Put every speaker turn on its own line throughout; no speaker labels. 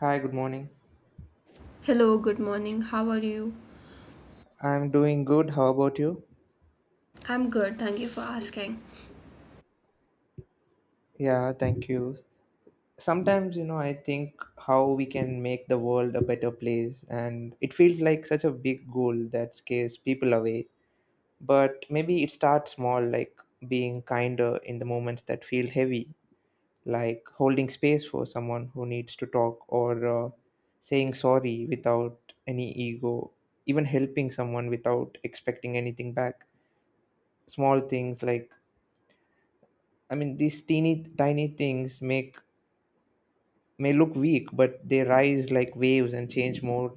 Hi, good morning.
Hello, good morning. How are you?
I'm doing good. How about you?
I'm good. Thank you for asking.
Yeah, thank you. Sometimes, you know, I think how we can make the world a better place, and it feels like such a big goal that scares people away. But maybe it starts small, like being kinder in the moments that feel heavy, like holding space for someone who needs to talk or saying sorry without any ego, even helping someone without expecting anything back. Small things like these teeny tiny things make may look weak, but they rise like waves and change more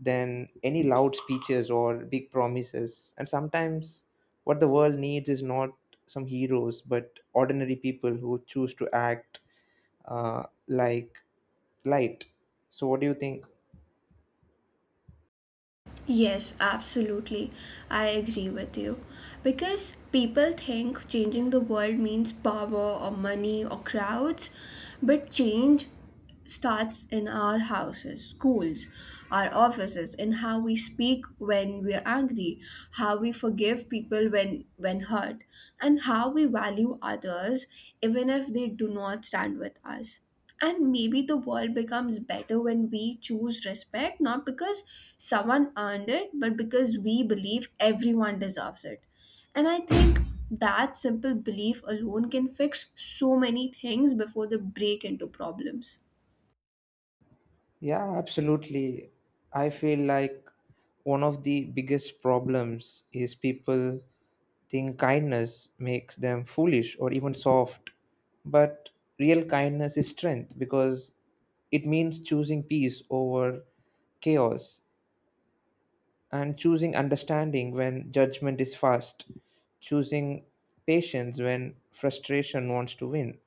than any loud speeches or big promises. And sometimes what the world needs is not some heroes, but ordinary people who choose to act like light. So, what do you think?
Yes, absolutely. I agree with you. Because people think changing the world means power or money or crowds, but change starts in our houses, schools, our offices, in how we speak when we're angry, how we forgive people when hurt, and how we value others even if they do not stand with us. And maybe the world becomes better when we choose respect not because someone earned it but because we believe everyone deserves it. And I think that simple belief alone can fix so many things before they break into problems.
Yeah, absolutely. I feel like one of the biggest problems is people think kindness makes them foolish or even soft. But real kindness is strength because it means choosing peace over chaos and choosing understanding when judgment is fast, choosing patience when frustration wants to win.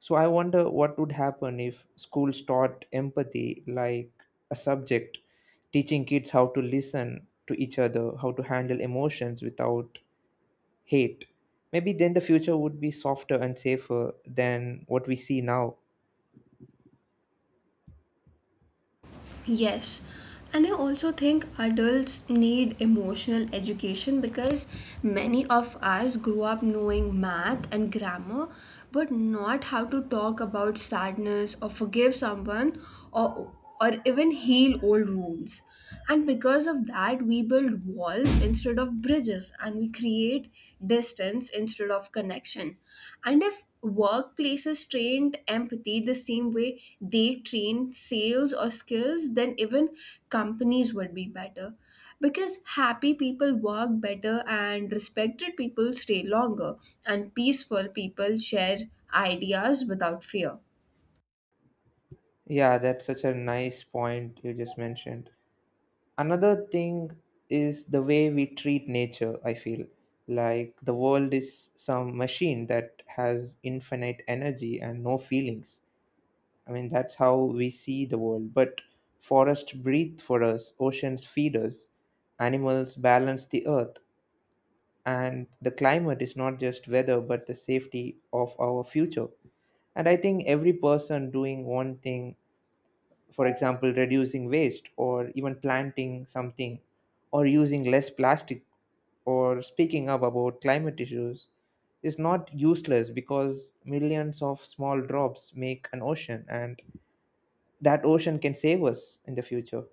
So I wonder what would happen if schools taught empathy like a subject, teaching kids how to listen to each other, how to handle emotions without hate. Maybe then the future would be softer and safer than what we see now.
Yes, and I also think adults need emotional education because many of us grew up knowing math and grammar but not how to talk about sadness or forgive someone or or even heal old wounds. And because of that, we build walls instead of bridges and we create distance instead of connection. And if workplaces trained empathy the same way they train sales or skills, then even companies would be better. Because happy people work better and respected people stay longer, and peaceful people share ideas without fear.
Yeah, that's such a nice point you just mentioned. Another thing is the way we treat nature, I feel. Like the world is some machine that has infinite energy and no feelings. I mean, that's how we see the world. But forests breathe for us, oceans feed us, animals balance the earth. And the climate is not just weather but the safety of our future. And I think every person doing one thing, for example reducing waste, or even planting something, or using less plastic, or speaking up about climate issues is not useless, because millions of small drops make an ocean and that ocean can save us in the future.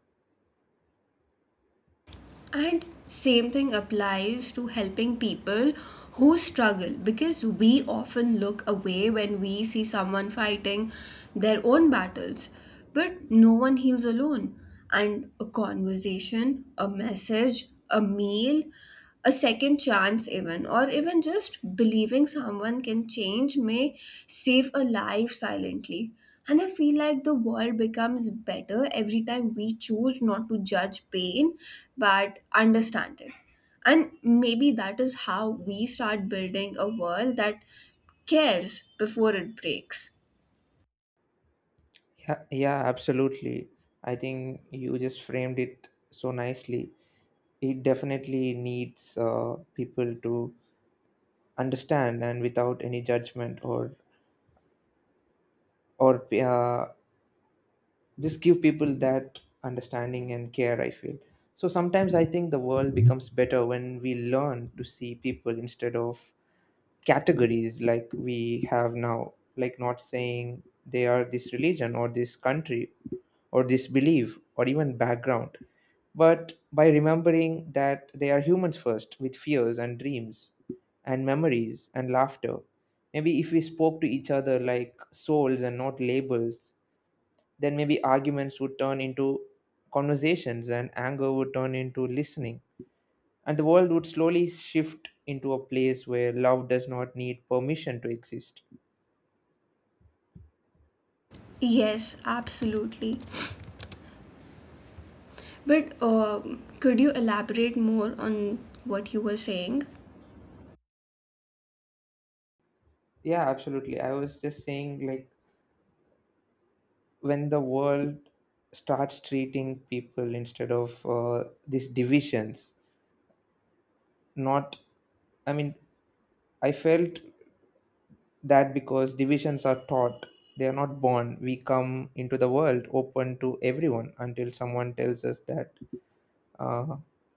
And same thing applies to helping people who struggle because we often look away when we see someone fighting their own battles. But no one heals alone. And a conversation, a message, a meal, a second chance even or even just believing someone can change may save a life silently. And I feel like the world becomes better every time we choose not to judge pain but understand it. And maybe that is how we start building a world that cares before it breaks.
Yeah, yeah, absolutely. I think you just framed it so nicely. It definitely needs people to understand and without any judgment, or just give people that understanding and care, I feel. So sometimes I think the world becomes better when we learn to see people instead of categories like we have now, like not saying they are this religion or this country or disbelief or even background, but by remembering that they are humans first with fears and dreams and memories and laughter. Maybe if we spoke to each other like souls and not labels, then maybe arguments would turn into conversations and anger would turn into listening. And the world would slowly shift into a place where love does not need permission to exist.
Yes, absolutely, but could you elaborate more on what you were saying?
Yeah, absolutely. I was just saying, like, when the world starts treating people instead of these divisions, not i mean I felt that because divisions are taught, they are not born. We come into the world open to everyone until someone tells us that uh,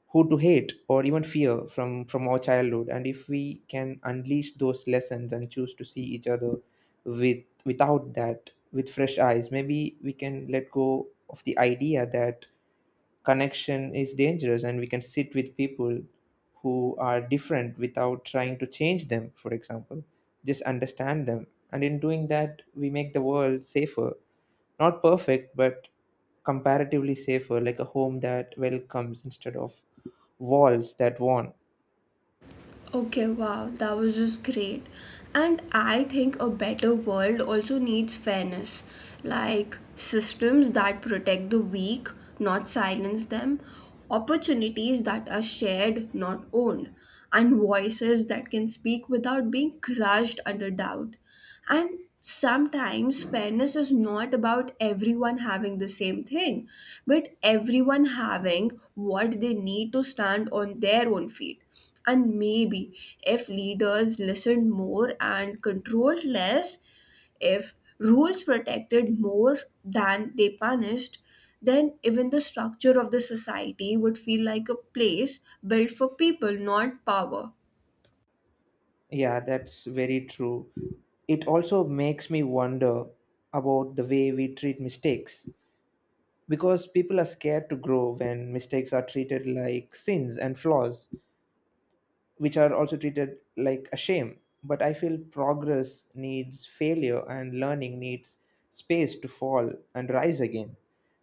who to hate or even fear from our childhood. And if we can unleash those lessons and choose to see each other with without that with fresh eyes, maybe we can let go of the idea that connection is dangerous and we can sit with people who are different without trying to change them, for example just understand them, and in doing that we make the world safer, not perfect but comparatively safer, like a home that welcomes instead of walls that warn.
Okay, wow, that was just great. And I think a better world also needs fairness, like systems that protect the weak, not silence them, opportunities that are shared, not owned, and voices that can speak without being crushed under doubt. And sometimes fairness is not about everyone having the same thing, but everyone having what they need to stand on their own feet. And maybe if leaders listened more and controlled less, if rules protected more than they punished, then even the structure of the society would feel like a place built for people, not power.
Yeah, that's very true. It also makes me wonder about the way we treat mistakes, because people are scared to grow when mistakes are treated like sins and flaws, which are also treated like a shame. But I feel progress needs failure and learning needs space to fall and rise again.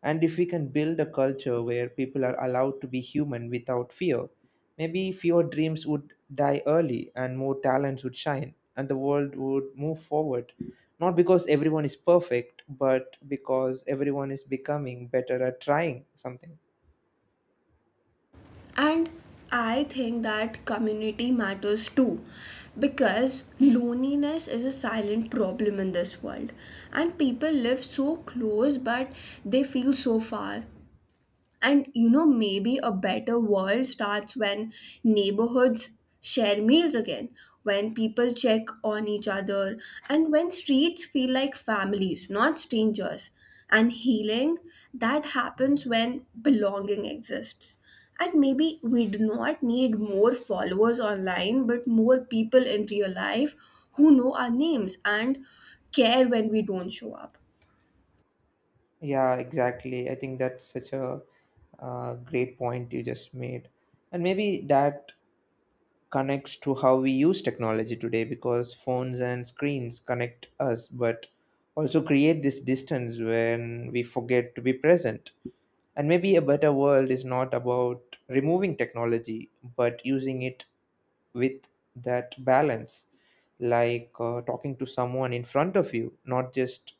And if we can build a culture where people are allowed to be human without fear, maybe fewer dreams would die early and more talents would shine and the world would move forward. Not because everyone is perfect, but because everyone is becoming better at trying something.
And I think that community matters too because loneliness is a silent problem in this world and people live so close but they feel so far. And you know, maybe a better world starts when neighborhoods share meals again, when people check on each other, and when streets feel like families, not strangers. And healing, that happens when belonging exists. And maybe we do not need more followers online, but more people in real life who know our names and care when we don't show up.
Yeah, exactly. I think that's such a great point you just made. And maybe that connects to how we use technology today, because phones and screens connect us, but also create this distance when we forget to be present. And maybe a better world is not about removing technology, but using it with that balance, like talking to someone in front of you, not just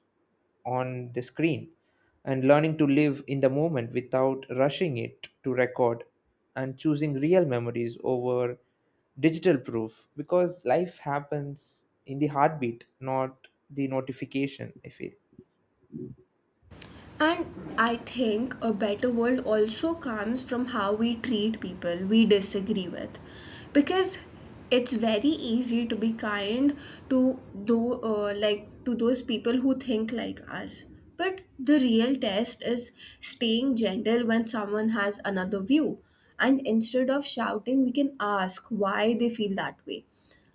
on the screen, and learning to live in the moment without rushing it to record, and choosing real memories over digital proof, because life happens in the heartbeat, not the notification, I feel.
And I think a better world also comes from how we treat people we disagree with. Because it's very easy to be kind to do like to those people who think like us. But the real test is staying gentle when someone has another view. And instead of shouting, we can ask why they feel that way.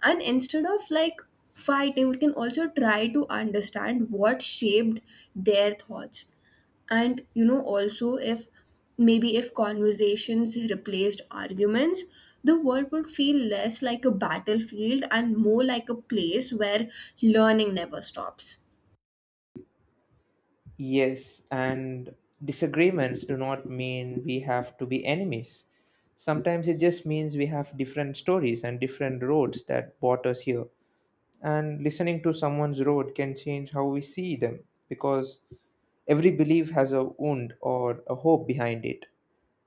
And instead of like fighting, we can also try to understand what shaped their thoughts. And you know also, if maybe if conversations replaced arguments, the world would feel less like a battlefield and more like a place where learning never stops.
Yes, and disagreements do not mean we have to be enemies. Sometimes it just means we have different stories and different roads that brought us here, and listening to someone's road can change how we see them, because every belief has a wound or a hope behind it.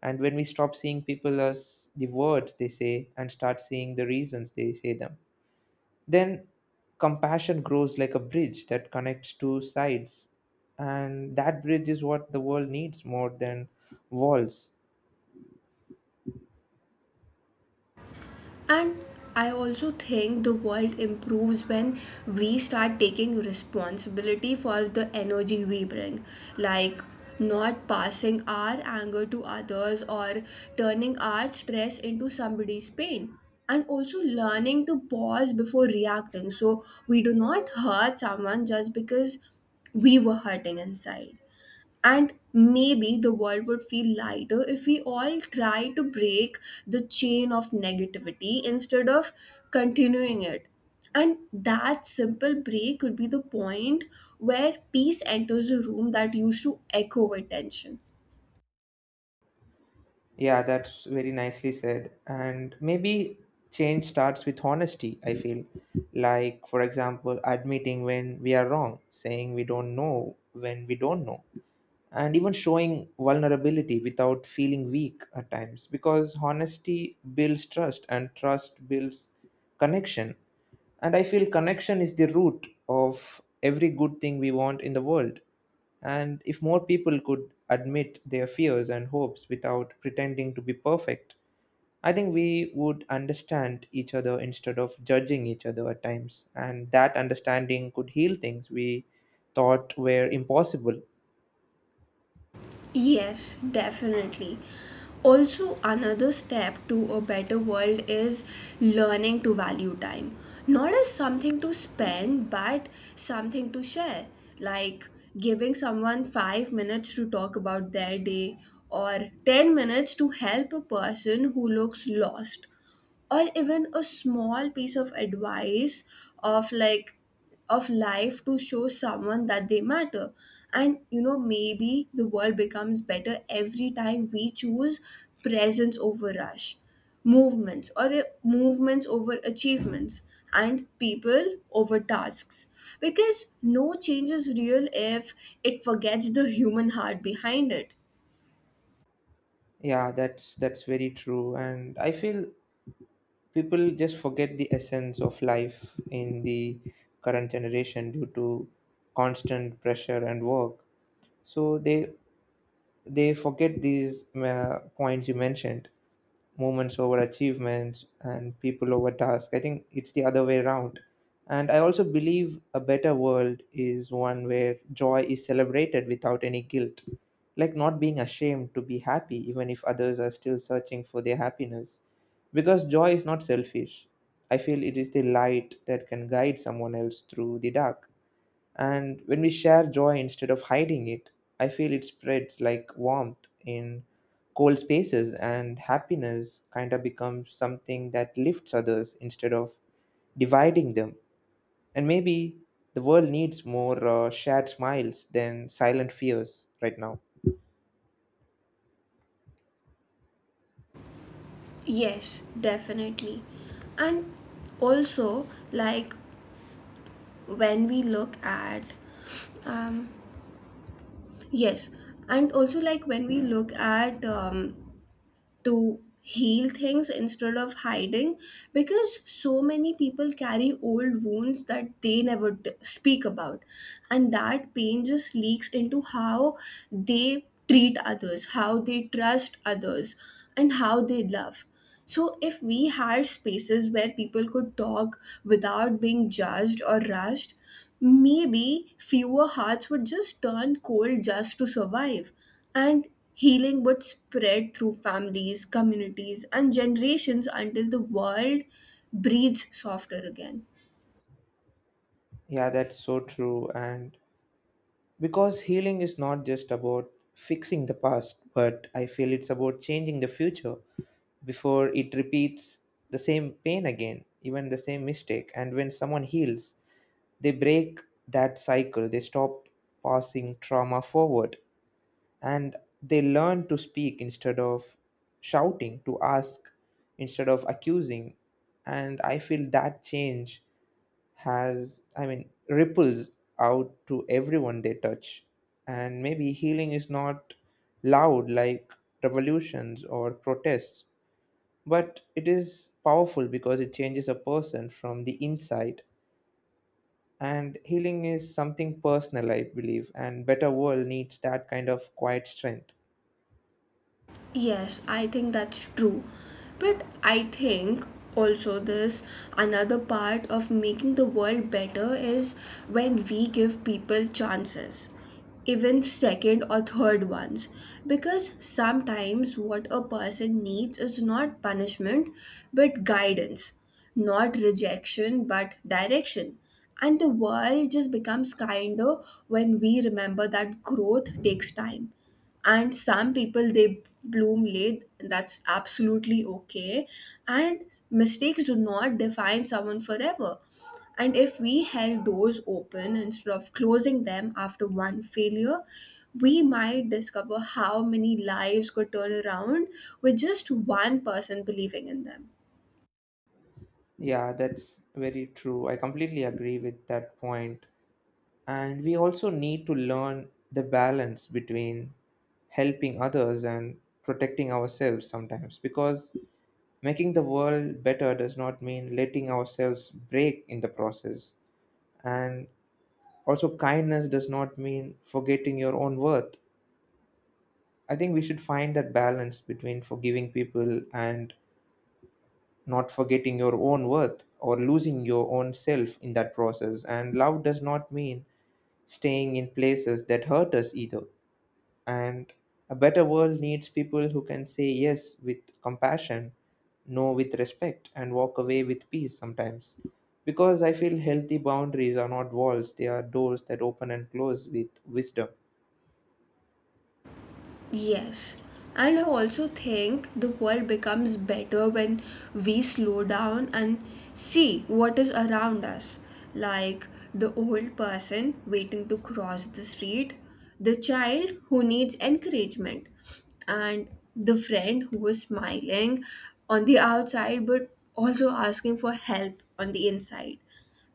And when we stop seeing people as the words they say and start seeing the reasons they say them, then compassion grows like a bridge that connects two sides, and that bridge is what the world needs more than walls.
And I also think the world improves when we start taking responsibility for the energy we bring, like not passing our anger to others or turning our stress into somebody's pain. And also learning to pause before reacting so we do not hurt someone just because we were hurting inside. And maybe the world would feel lighter if we all try to break the chain of negativity instead of continuing it. And that simple break could be the point where peace enters a room that used to echo with tension.
Yeah, that's very nicely said. And maybe change starts with honesty, I feel. Like, for example, admitting when we are wrong, saying we don't know when we don't know, and even showing vulnerability without feeling weak at times, because honesty builds trust and trust builds connection. And I feel connection is the root of every good thing we want in the world. And if more people could admit their fears and hopes without pretending to be perfect, I think we would understand each other instead of judging each other at times, and that understanding could heal things we thought were impossible.
Yes, definitely. Also, another step to a better world is learning to value time. Not as something to spend, but something to share. Like giving someone 5 minutes to talk about their day or 10 minutes to help a person who looks lost or even a small piece of advice of like of life to show someone that they matter. And you know, maybe the world becomes better every time we choose presence over rush, movements or movements over achievements and people over tasks, because no change is real if it forgets the human heart behind it.
Yeah, that's very true, and I feel people just forget the essence of life in the current generation due to constant pressure and work. So they forget these points you mentioned, moments over achievements and people over tasks. I think it's the other way around. And I also believe a better world is one where joy is celebrated without any guilt, like not being ashamed to be happy, even if others are still searching for their happiness. Because joy is not selfish. I feel it is the light that can guide someone else through the dark. And when we share joy instead of hiding it, I feel it spreads like warmth in cold spaces, and happiness kind of becomes something that lifts others instead of dividing them. And maybe the world needs more shared smiles than silent fears right now.
Yes, definitely. And also, like, when we look at um, yes, and also like when we look at to heal things instead of hiding, because so many people carry old wounds that they never speak about, and that pain just leaks into how they treat others, how they trust others, and how they love. So if we had spaces where people could talk without being judged or rushed, maybe fewer hearts would just turn cold just to survive, and healing would spread through families, communities, and generations until the world breathes softer again.
Yeah, that's so true. And because healing is not just about fixing the past, but I feel it's about changing the future before it repeats the same pain again, even the same mistake. And when someone heals, they break that cycle, they stop passing trauma forward, and they learn to speak instead of shouting, to ask instead of accusing. And I feel that change has ripples out to everyone they touch. And maybe healing is not loud like revolutions or protests, but it is powerful because it changes a person from the inside. And healing is something personal, I believe, and better world needs that kind of quiet strength.
Yes, I think that's true. But I think also this another part of making the world better is when we give people chances, even second or third ones. Because sometimes what a person needs is not punishment but guidance, not rejection but direction. And the world just becomes kinder when we remember that growth takes time and some people they bloom late, that's absolutely okay. And mistakes do not define someone forever. And if we held doors open instead of closing them after one failure, we might discover how many lives could turn around with just one person believing in them.
Yeah, that's very true, I completely agree with that point. And we also need to learn the balance between helping others and protecting ourselves sometimes, because making the world better does not mean letting ourselves break in the process. And also, kindness does not mean forgetting your own worth. I think we should find that balance between forgiving people and not forgetting your own worth or losing your own self in that process. And love does not mean staying in places that hurt us either. And a better world needs people who can say yes with compassion, no with respect, and walk away with peace sometimes. Because I feel healthy boundaries are not walls, they are doors that open and close with wisdom.
Yes. And I also think the world becomes better when we slow down and see what is around us. Like the old person waiting to cross the street, the child who needs encouragement, and the friend who is smiling on the outside but also asking for help on the inside.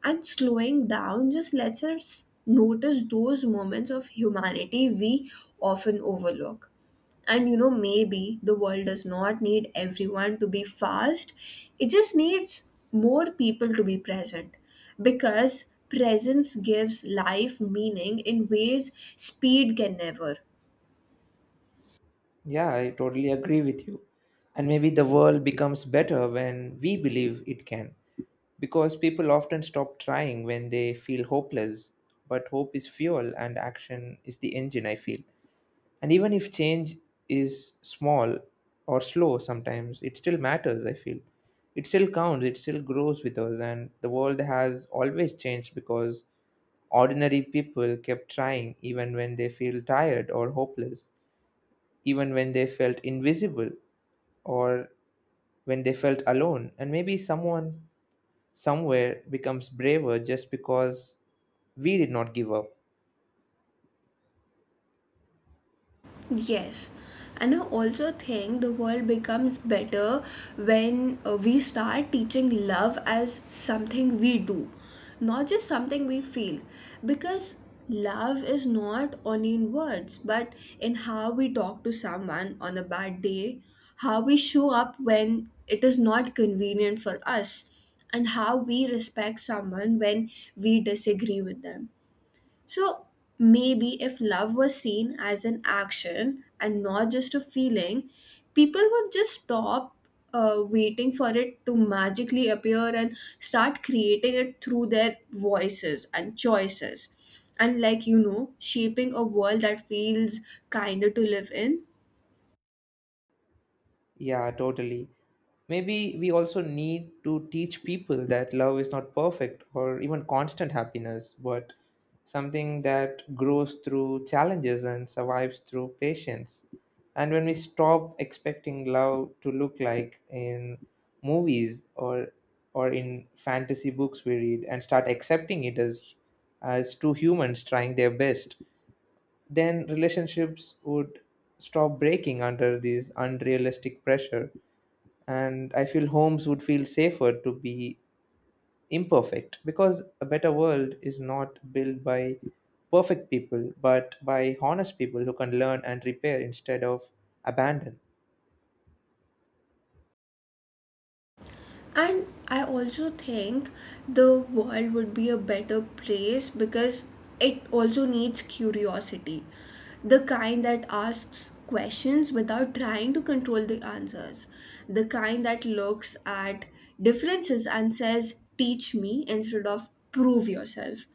And slowing down just lets us notice those moments of humanity we often overlook. And you know, maybe the world does not need everyone to be fast, it just needs more people to be present because presence gives life meaning in ways speed can never.
Yeah, I totally agree with you. And maybe the world becomes better when we believe it can. Because people often stop trying when they feel hopeless, but hope is fuel and action is the engine, I feel. And even if change is small or slow, sometimes it still matters, I feel. It still counts, it still grows with us, and the world has always changed because ordinary people kept trying even when they feel tired or hopeless, even when they felt invisible or when they felt alone. And maybe someone somewhere becomes braver just because we did not give up.
Yes, and I also think the world becomes better when we start teaching love as something we do, not just something we feel. Because love is not only in words, but in how we talk to someone on a bad day, how we show up when it is not convenient for us, and how we respect someone when we disagree with them. So maybe if love was seen as an action and not just a feeling, people would just stop waiting for it to magically appear and start creating it through their voices and choices. And, like you know, shaping a world that feels kinder to live in.
Yeah, totally. Maybe we also need to teach people that love is not perfect or even constant happiness, but something that grows through challenges and survives through patience. And when we stop expecting love to look like in movies or in fantasy books we read and start accepting it as two humans trying their best, then relationships would stop breaking under this unrealistic pressure, and I feel homes would feel safer to be imperfect, because a better world is not built by perfect people but by honest people who can learn and repair instead of abandon.
And I also think the world would be a better place because it also needs curiosity. The kind that asks questions without trying to control the answers. The kind that looks at differences and says, teach me instead of prove yourself.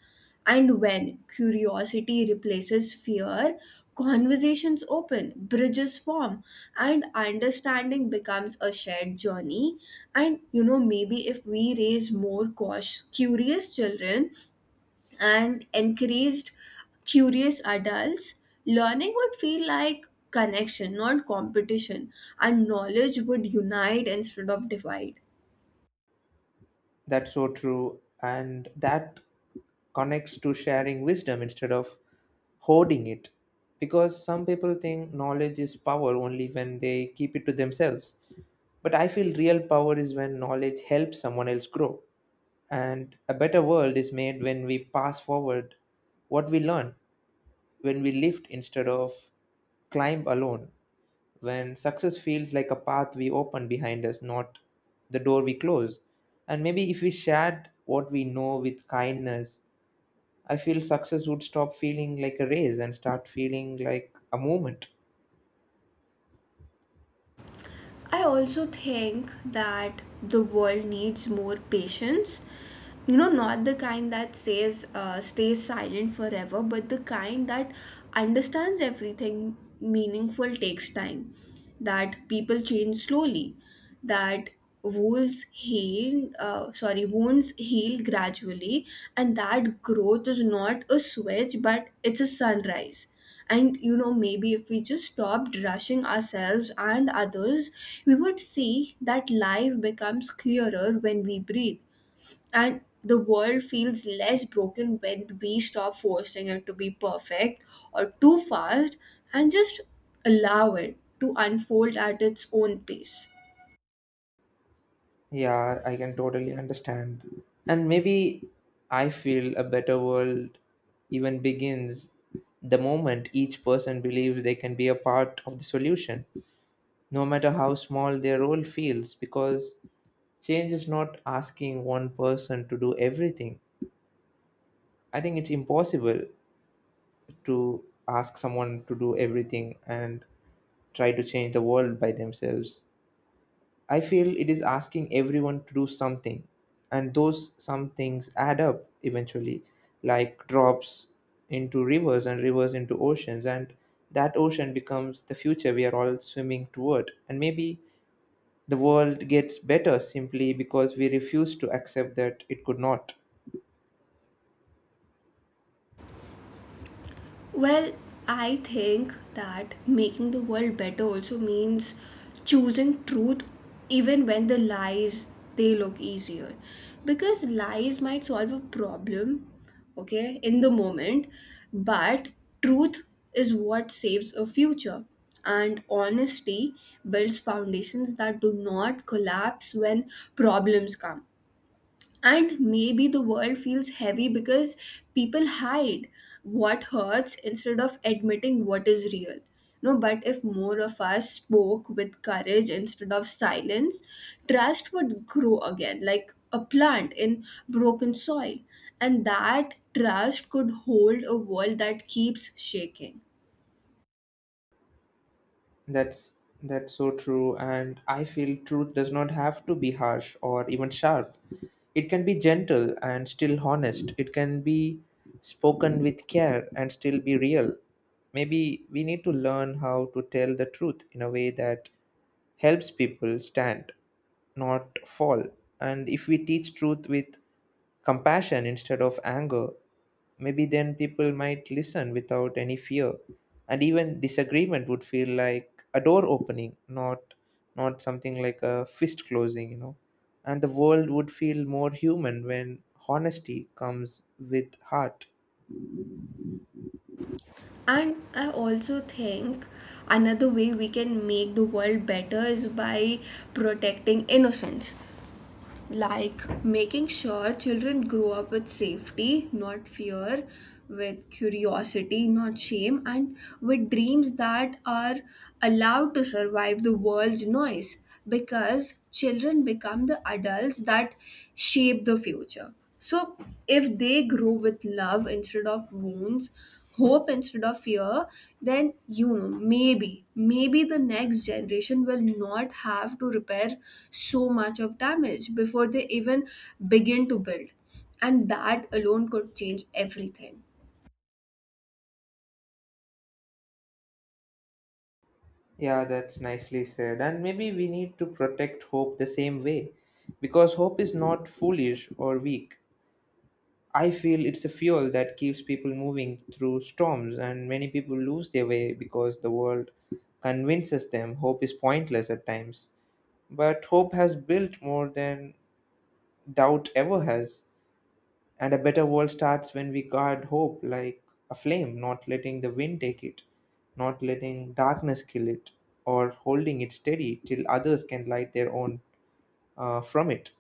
And when curiosity replaces fear, conversations open, bridges form, and understanding becomes a shared journey. And you know, maybe if we raise more cautious, curious children and encouraged curious adults, learning would feel like connection, not competition, and knowledge would unite instead of divide.
That's so true, and that connects to sharing wisdom instead of hoarding it, because some people think knowledge is power only when they keep it to themselves, but I feel real power is when knowledge helps someone else grow. And a better world is made when we pass forward what we learn, when we lift instead of climb alone, when success feels like a path we open behind us, not the door we close. And maybe if we shared what we know with kindness, I feel success would stop feeling like a race and start feeling like a movement.
I also think that the world needs more patience. You know, not the kind that says stays silent forever, but the kind that understands everything meaningful takes time. That people change slowly. That wounds heal gradually, and that growth is not a switch, but it's a sunrise. And you know, maybe if we just stopped rushing ourselves and others, we would see that life becomes clearer when we breathe, and the world feels less broken when we stop forcing it to be perfect or too fast, and just allow it to unfold at its own pace.
Yeah, I can totally understand. And maybe I feel a better world even begins the moment each person believes they can be a part of the solution, no matter how small their role feels, because change is not asking one person to do everything. I think it's impossible to ask someone to do everything and try to change the world by themselves. I feel it is asking everyone to do something, and those some things add up eventually, like drops into rivers and rivers into oceans, and that ocean becomes the future we are all swimming toward. And maybe the world gets better simply because we refuse to accept that it could not.
Well, I think that making the world better also means choosing truth even when the lies they look easier, because lies might solve a problem okay in the moment, but truth is what saves a future. And honesty builds foundations that do not collapse when problems come. And maybe the world feels heavy because people hide what hurts instead of admitting what is real. No, but if more of us spoke with courage instead of silence, trust would grow again like a plant in broken soil. And that trust could hold a world that keeps shaking.
That's that's so true, and I feel truth does not have to be harsh or even sharp. It can be gentle and still honest. It can be spoken with care and still be real. Maybe we need to learn how to tell the truth in a way that helps people stand, not fall. And if we teach truth with compassion instead of anger, maybe then people might listen without any fear. And even disagreement would feel like a door opening, not something like a fist closing, you know. And the world would feel more human when honesty comes with heart.
And I also think another way we can make the world better is by protecting innocence, like making sure children grow up with safety, not fear, with curiosity, not shame, and with dreams that are allowed to survive the world's noise, because children become the adults that shape the future. So, if they grow with love instead of wounds, hope instead of fear, then you know, maybe the next generation will not have to repair so much of damage before they even begin to build. And that alone could change everything.
Yeah, that's nicely said. And maybe we need to protect hope the same way, because hope is not foolish or weak. I feel it's a fuel that keeps people moving through storms, and many people lose their way because the world convinces them hope is pointless at times. But hope has built more than doubt ever has. And a better world starts when we guard hope like a flame, not letting the wind take it, not letting darkness kill it, or holding it steady till others can light their own from it.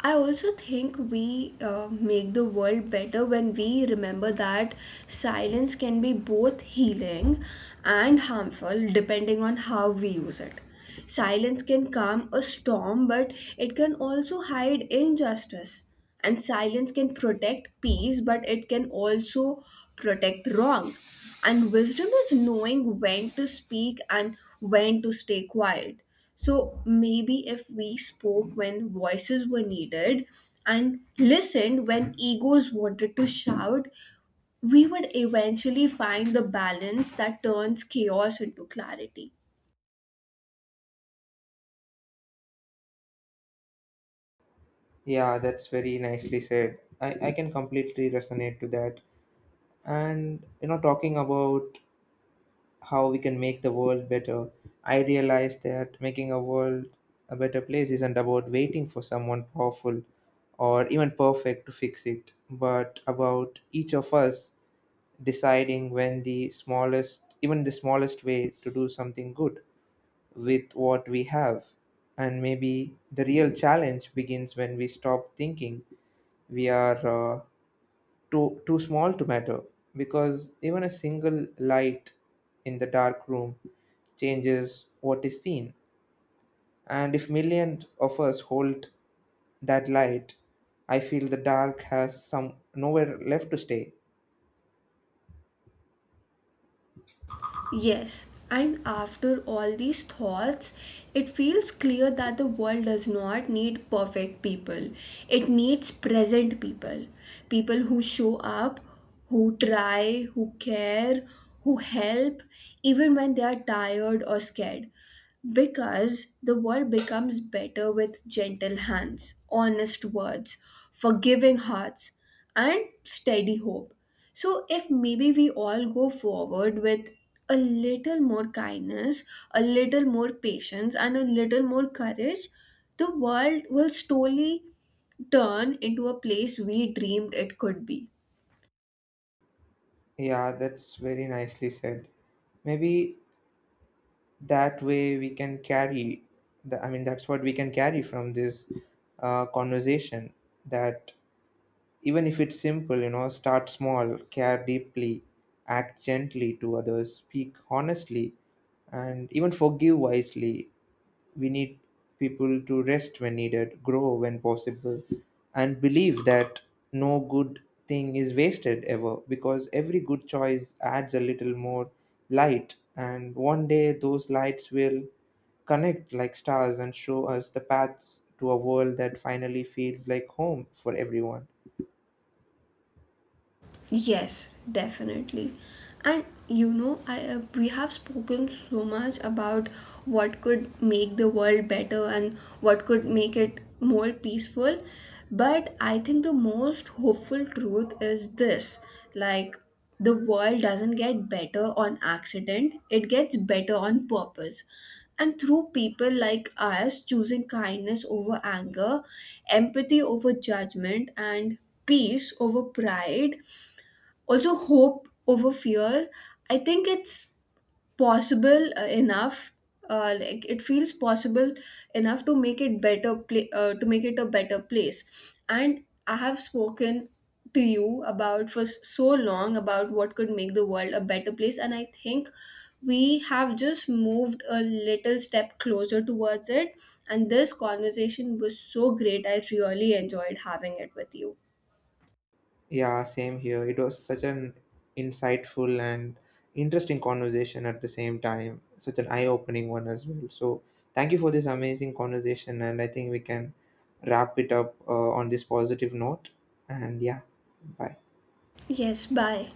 I also think we make the world better when we remember that silence can be both healing and harmful depending on how we use it. Silence can calm a storm, but it can also hide injustice. And silence can protect peace, but it can also protect wrong. And wisdom is knowing when to speak and when to stay quiet. So maybe if we spoke when voices were needed and listened when egos wanted to shout, we would eventually find the balance that turns chaos into clarity.
Yeah, that's very nicely said. I can completely resonate to that. And you know, talking about how we can make the world better, I realized that making a world a better place isn't about waiting for someone powerful or even perfect to fix it, but about each of us deciding when the smallest, even the smallest way to do something good with what we have. And maybe the real challenge begins when we stop thinking we are. Uh, too small to matter, because even a single light in the dark room changes what is seen. And if millions of us hold that light, I feel the dark has some nowhere left to stay.
Yes, and after all these thoughts, it feels clear that the world does not need perfect people. It needs present people. People who show up, who try, who care, who help, even when they are tired or scared. Because the world becomes better with gentle hands, honest words, forgiving hearts, and steady hope. So, if maybe we all go forward with a little more kindness, a little more patience, and a little more courage, the world will slowly turn into a place we dreamed it could be.
Yeah, that's very nicely said. Maybe that way we can carry that's what we can carry from this conversation, that even if it's simple, you know, start small, care deeply, act gently to others, speak honestly, and even forgive wisely. We need people to rest when needed, grow when possible, and believe that no good thing is wasted ever, because every good choice adds a little more light, and one day those lights will connect like stars and show us the paths to a world that finally feels like home for everyone.
Yes, definitely. And you know, I we have spoken so much about what could make the world better and what could make it more peaceful, but I think the most hopeful truth is this, like the world doesn't get better on accident, it gets better on purpose. And through people like us choosing kindness over anger, empathy over judgment, and peace over pride, also hope over fear. I think it's possible enough like it feels possible enough to make it to make it a better place. And I have spoken to you about for so long about what could make the world a better place, and I think we have just moved a little step closer towards it. And this conversation was so great, I really enjoyed having it with you.
Yeah, same here. It was such an insightful and interesting conversation at the same time, such an eye-opening one as well. So thank you for this amazing conversation, and I think we can wrap it up on this positive note. And yeah, bye.
Yes, bye.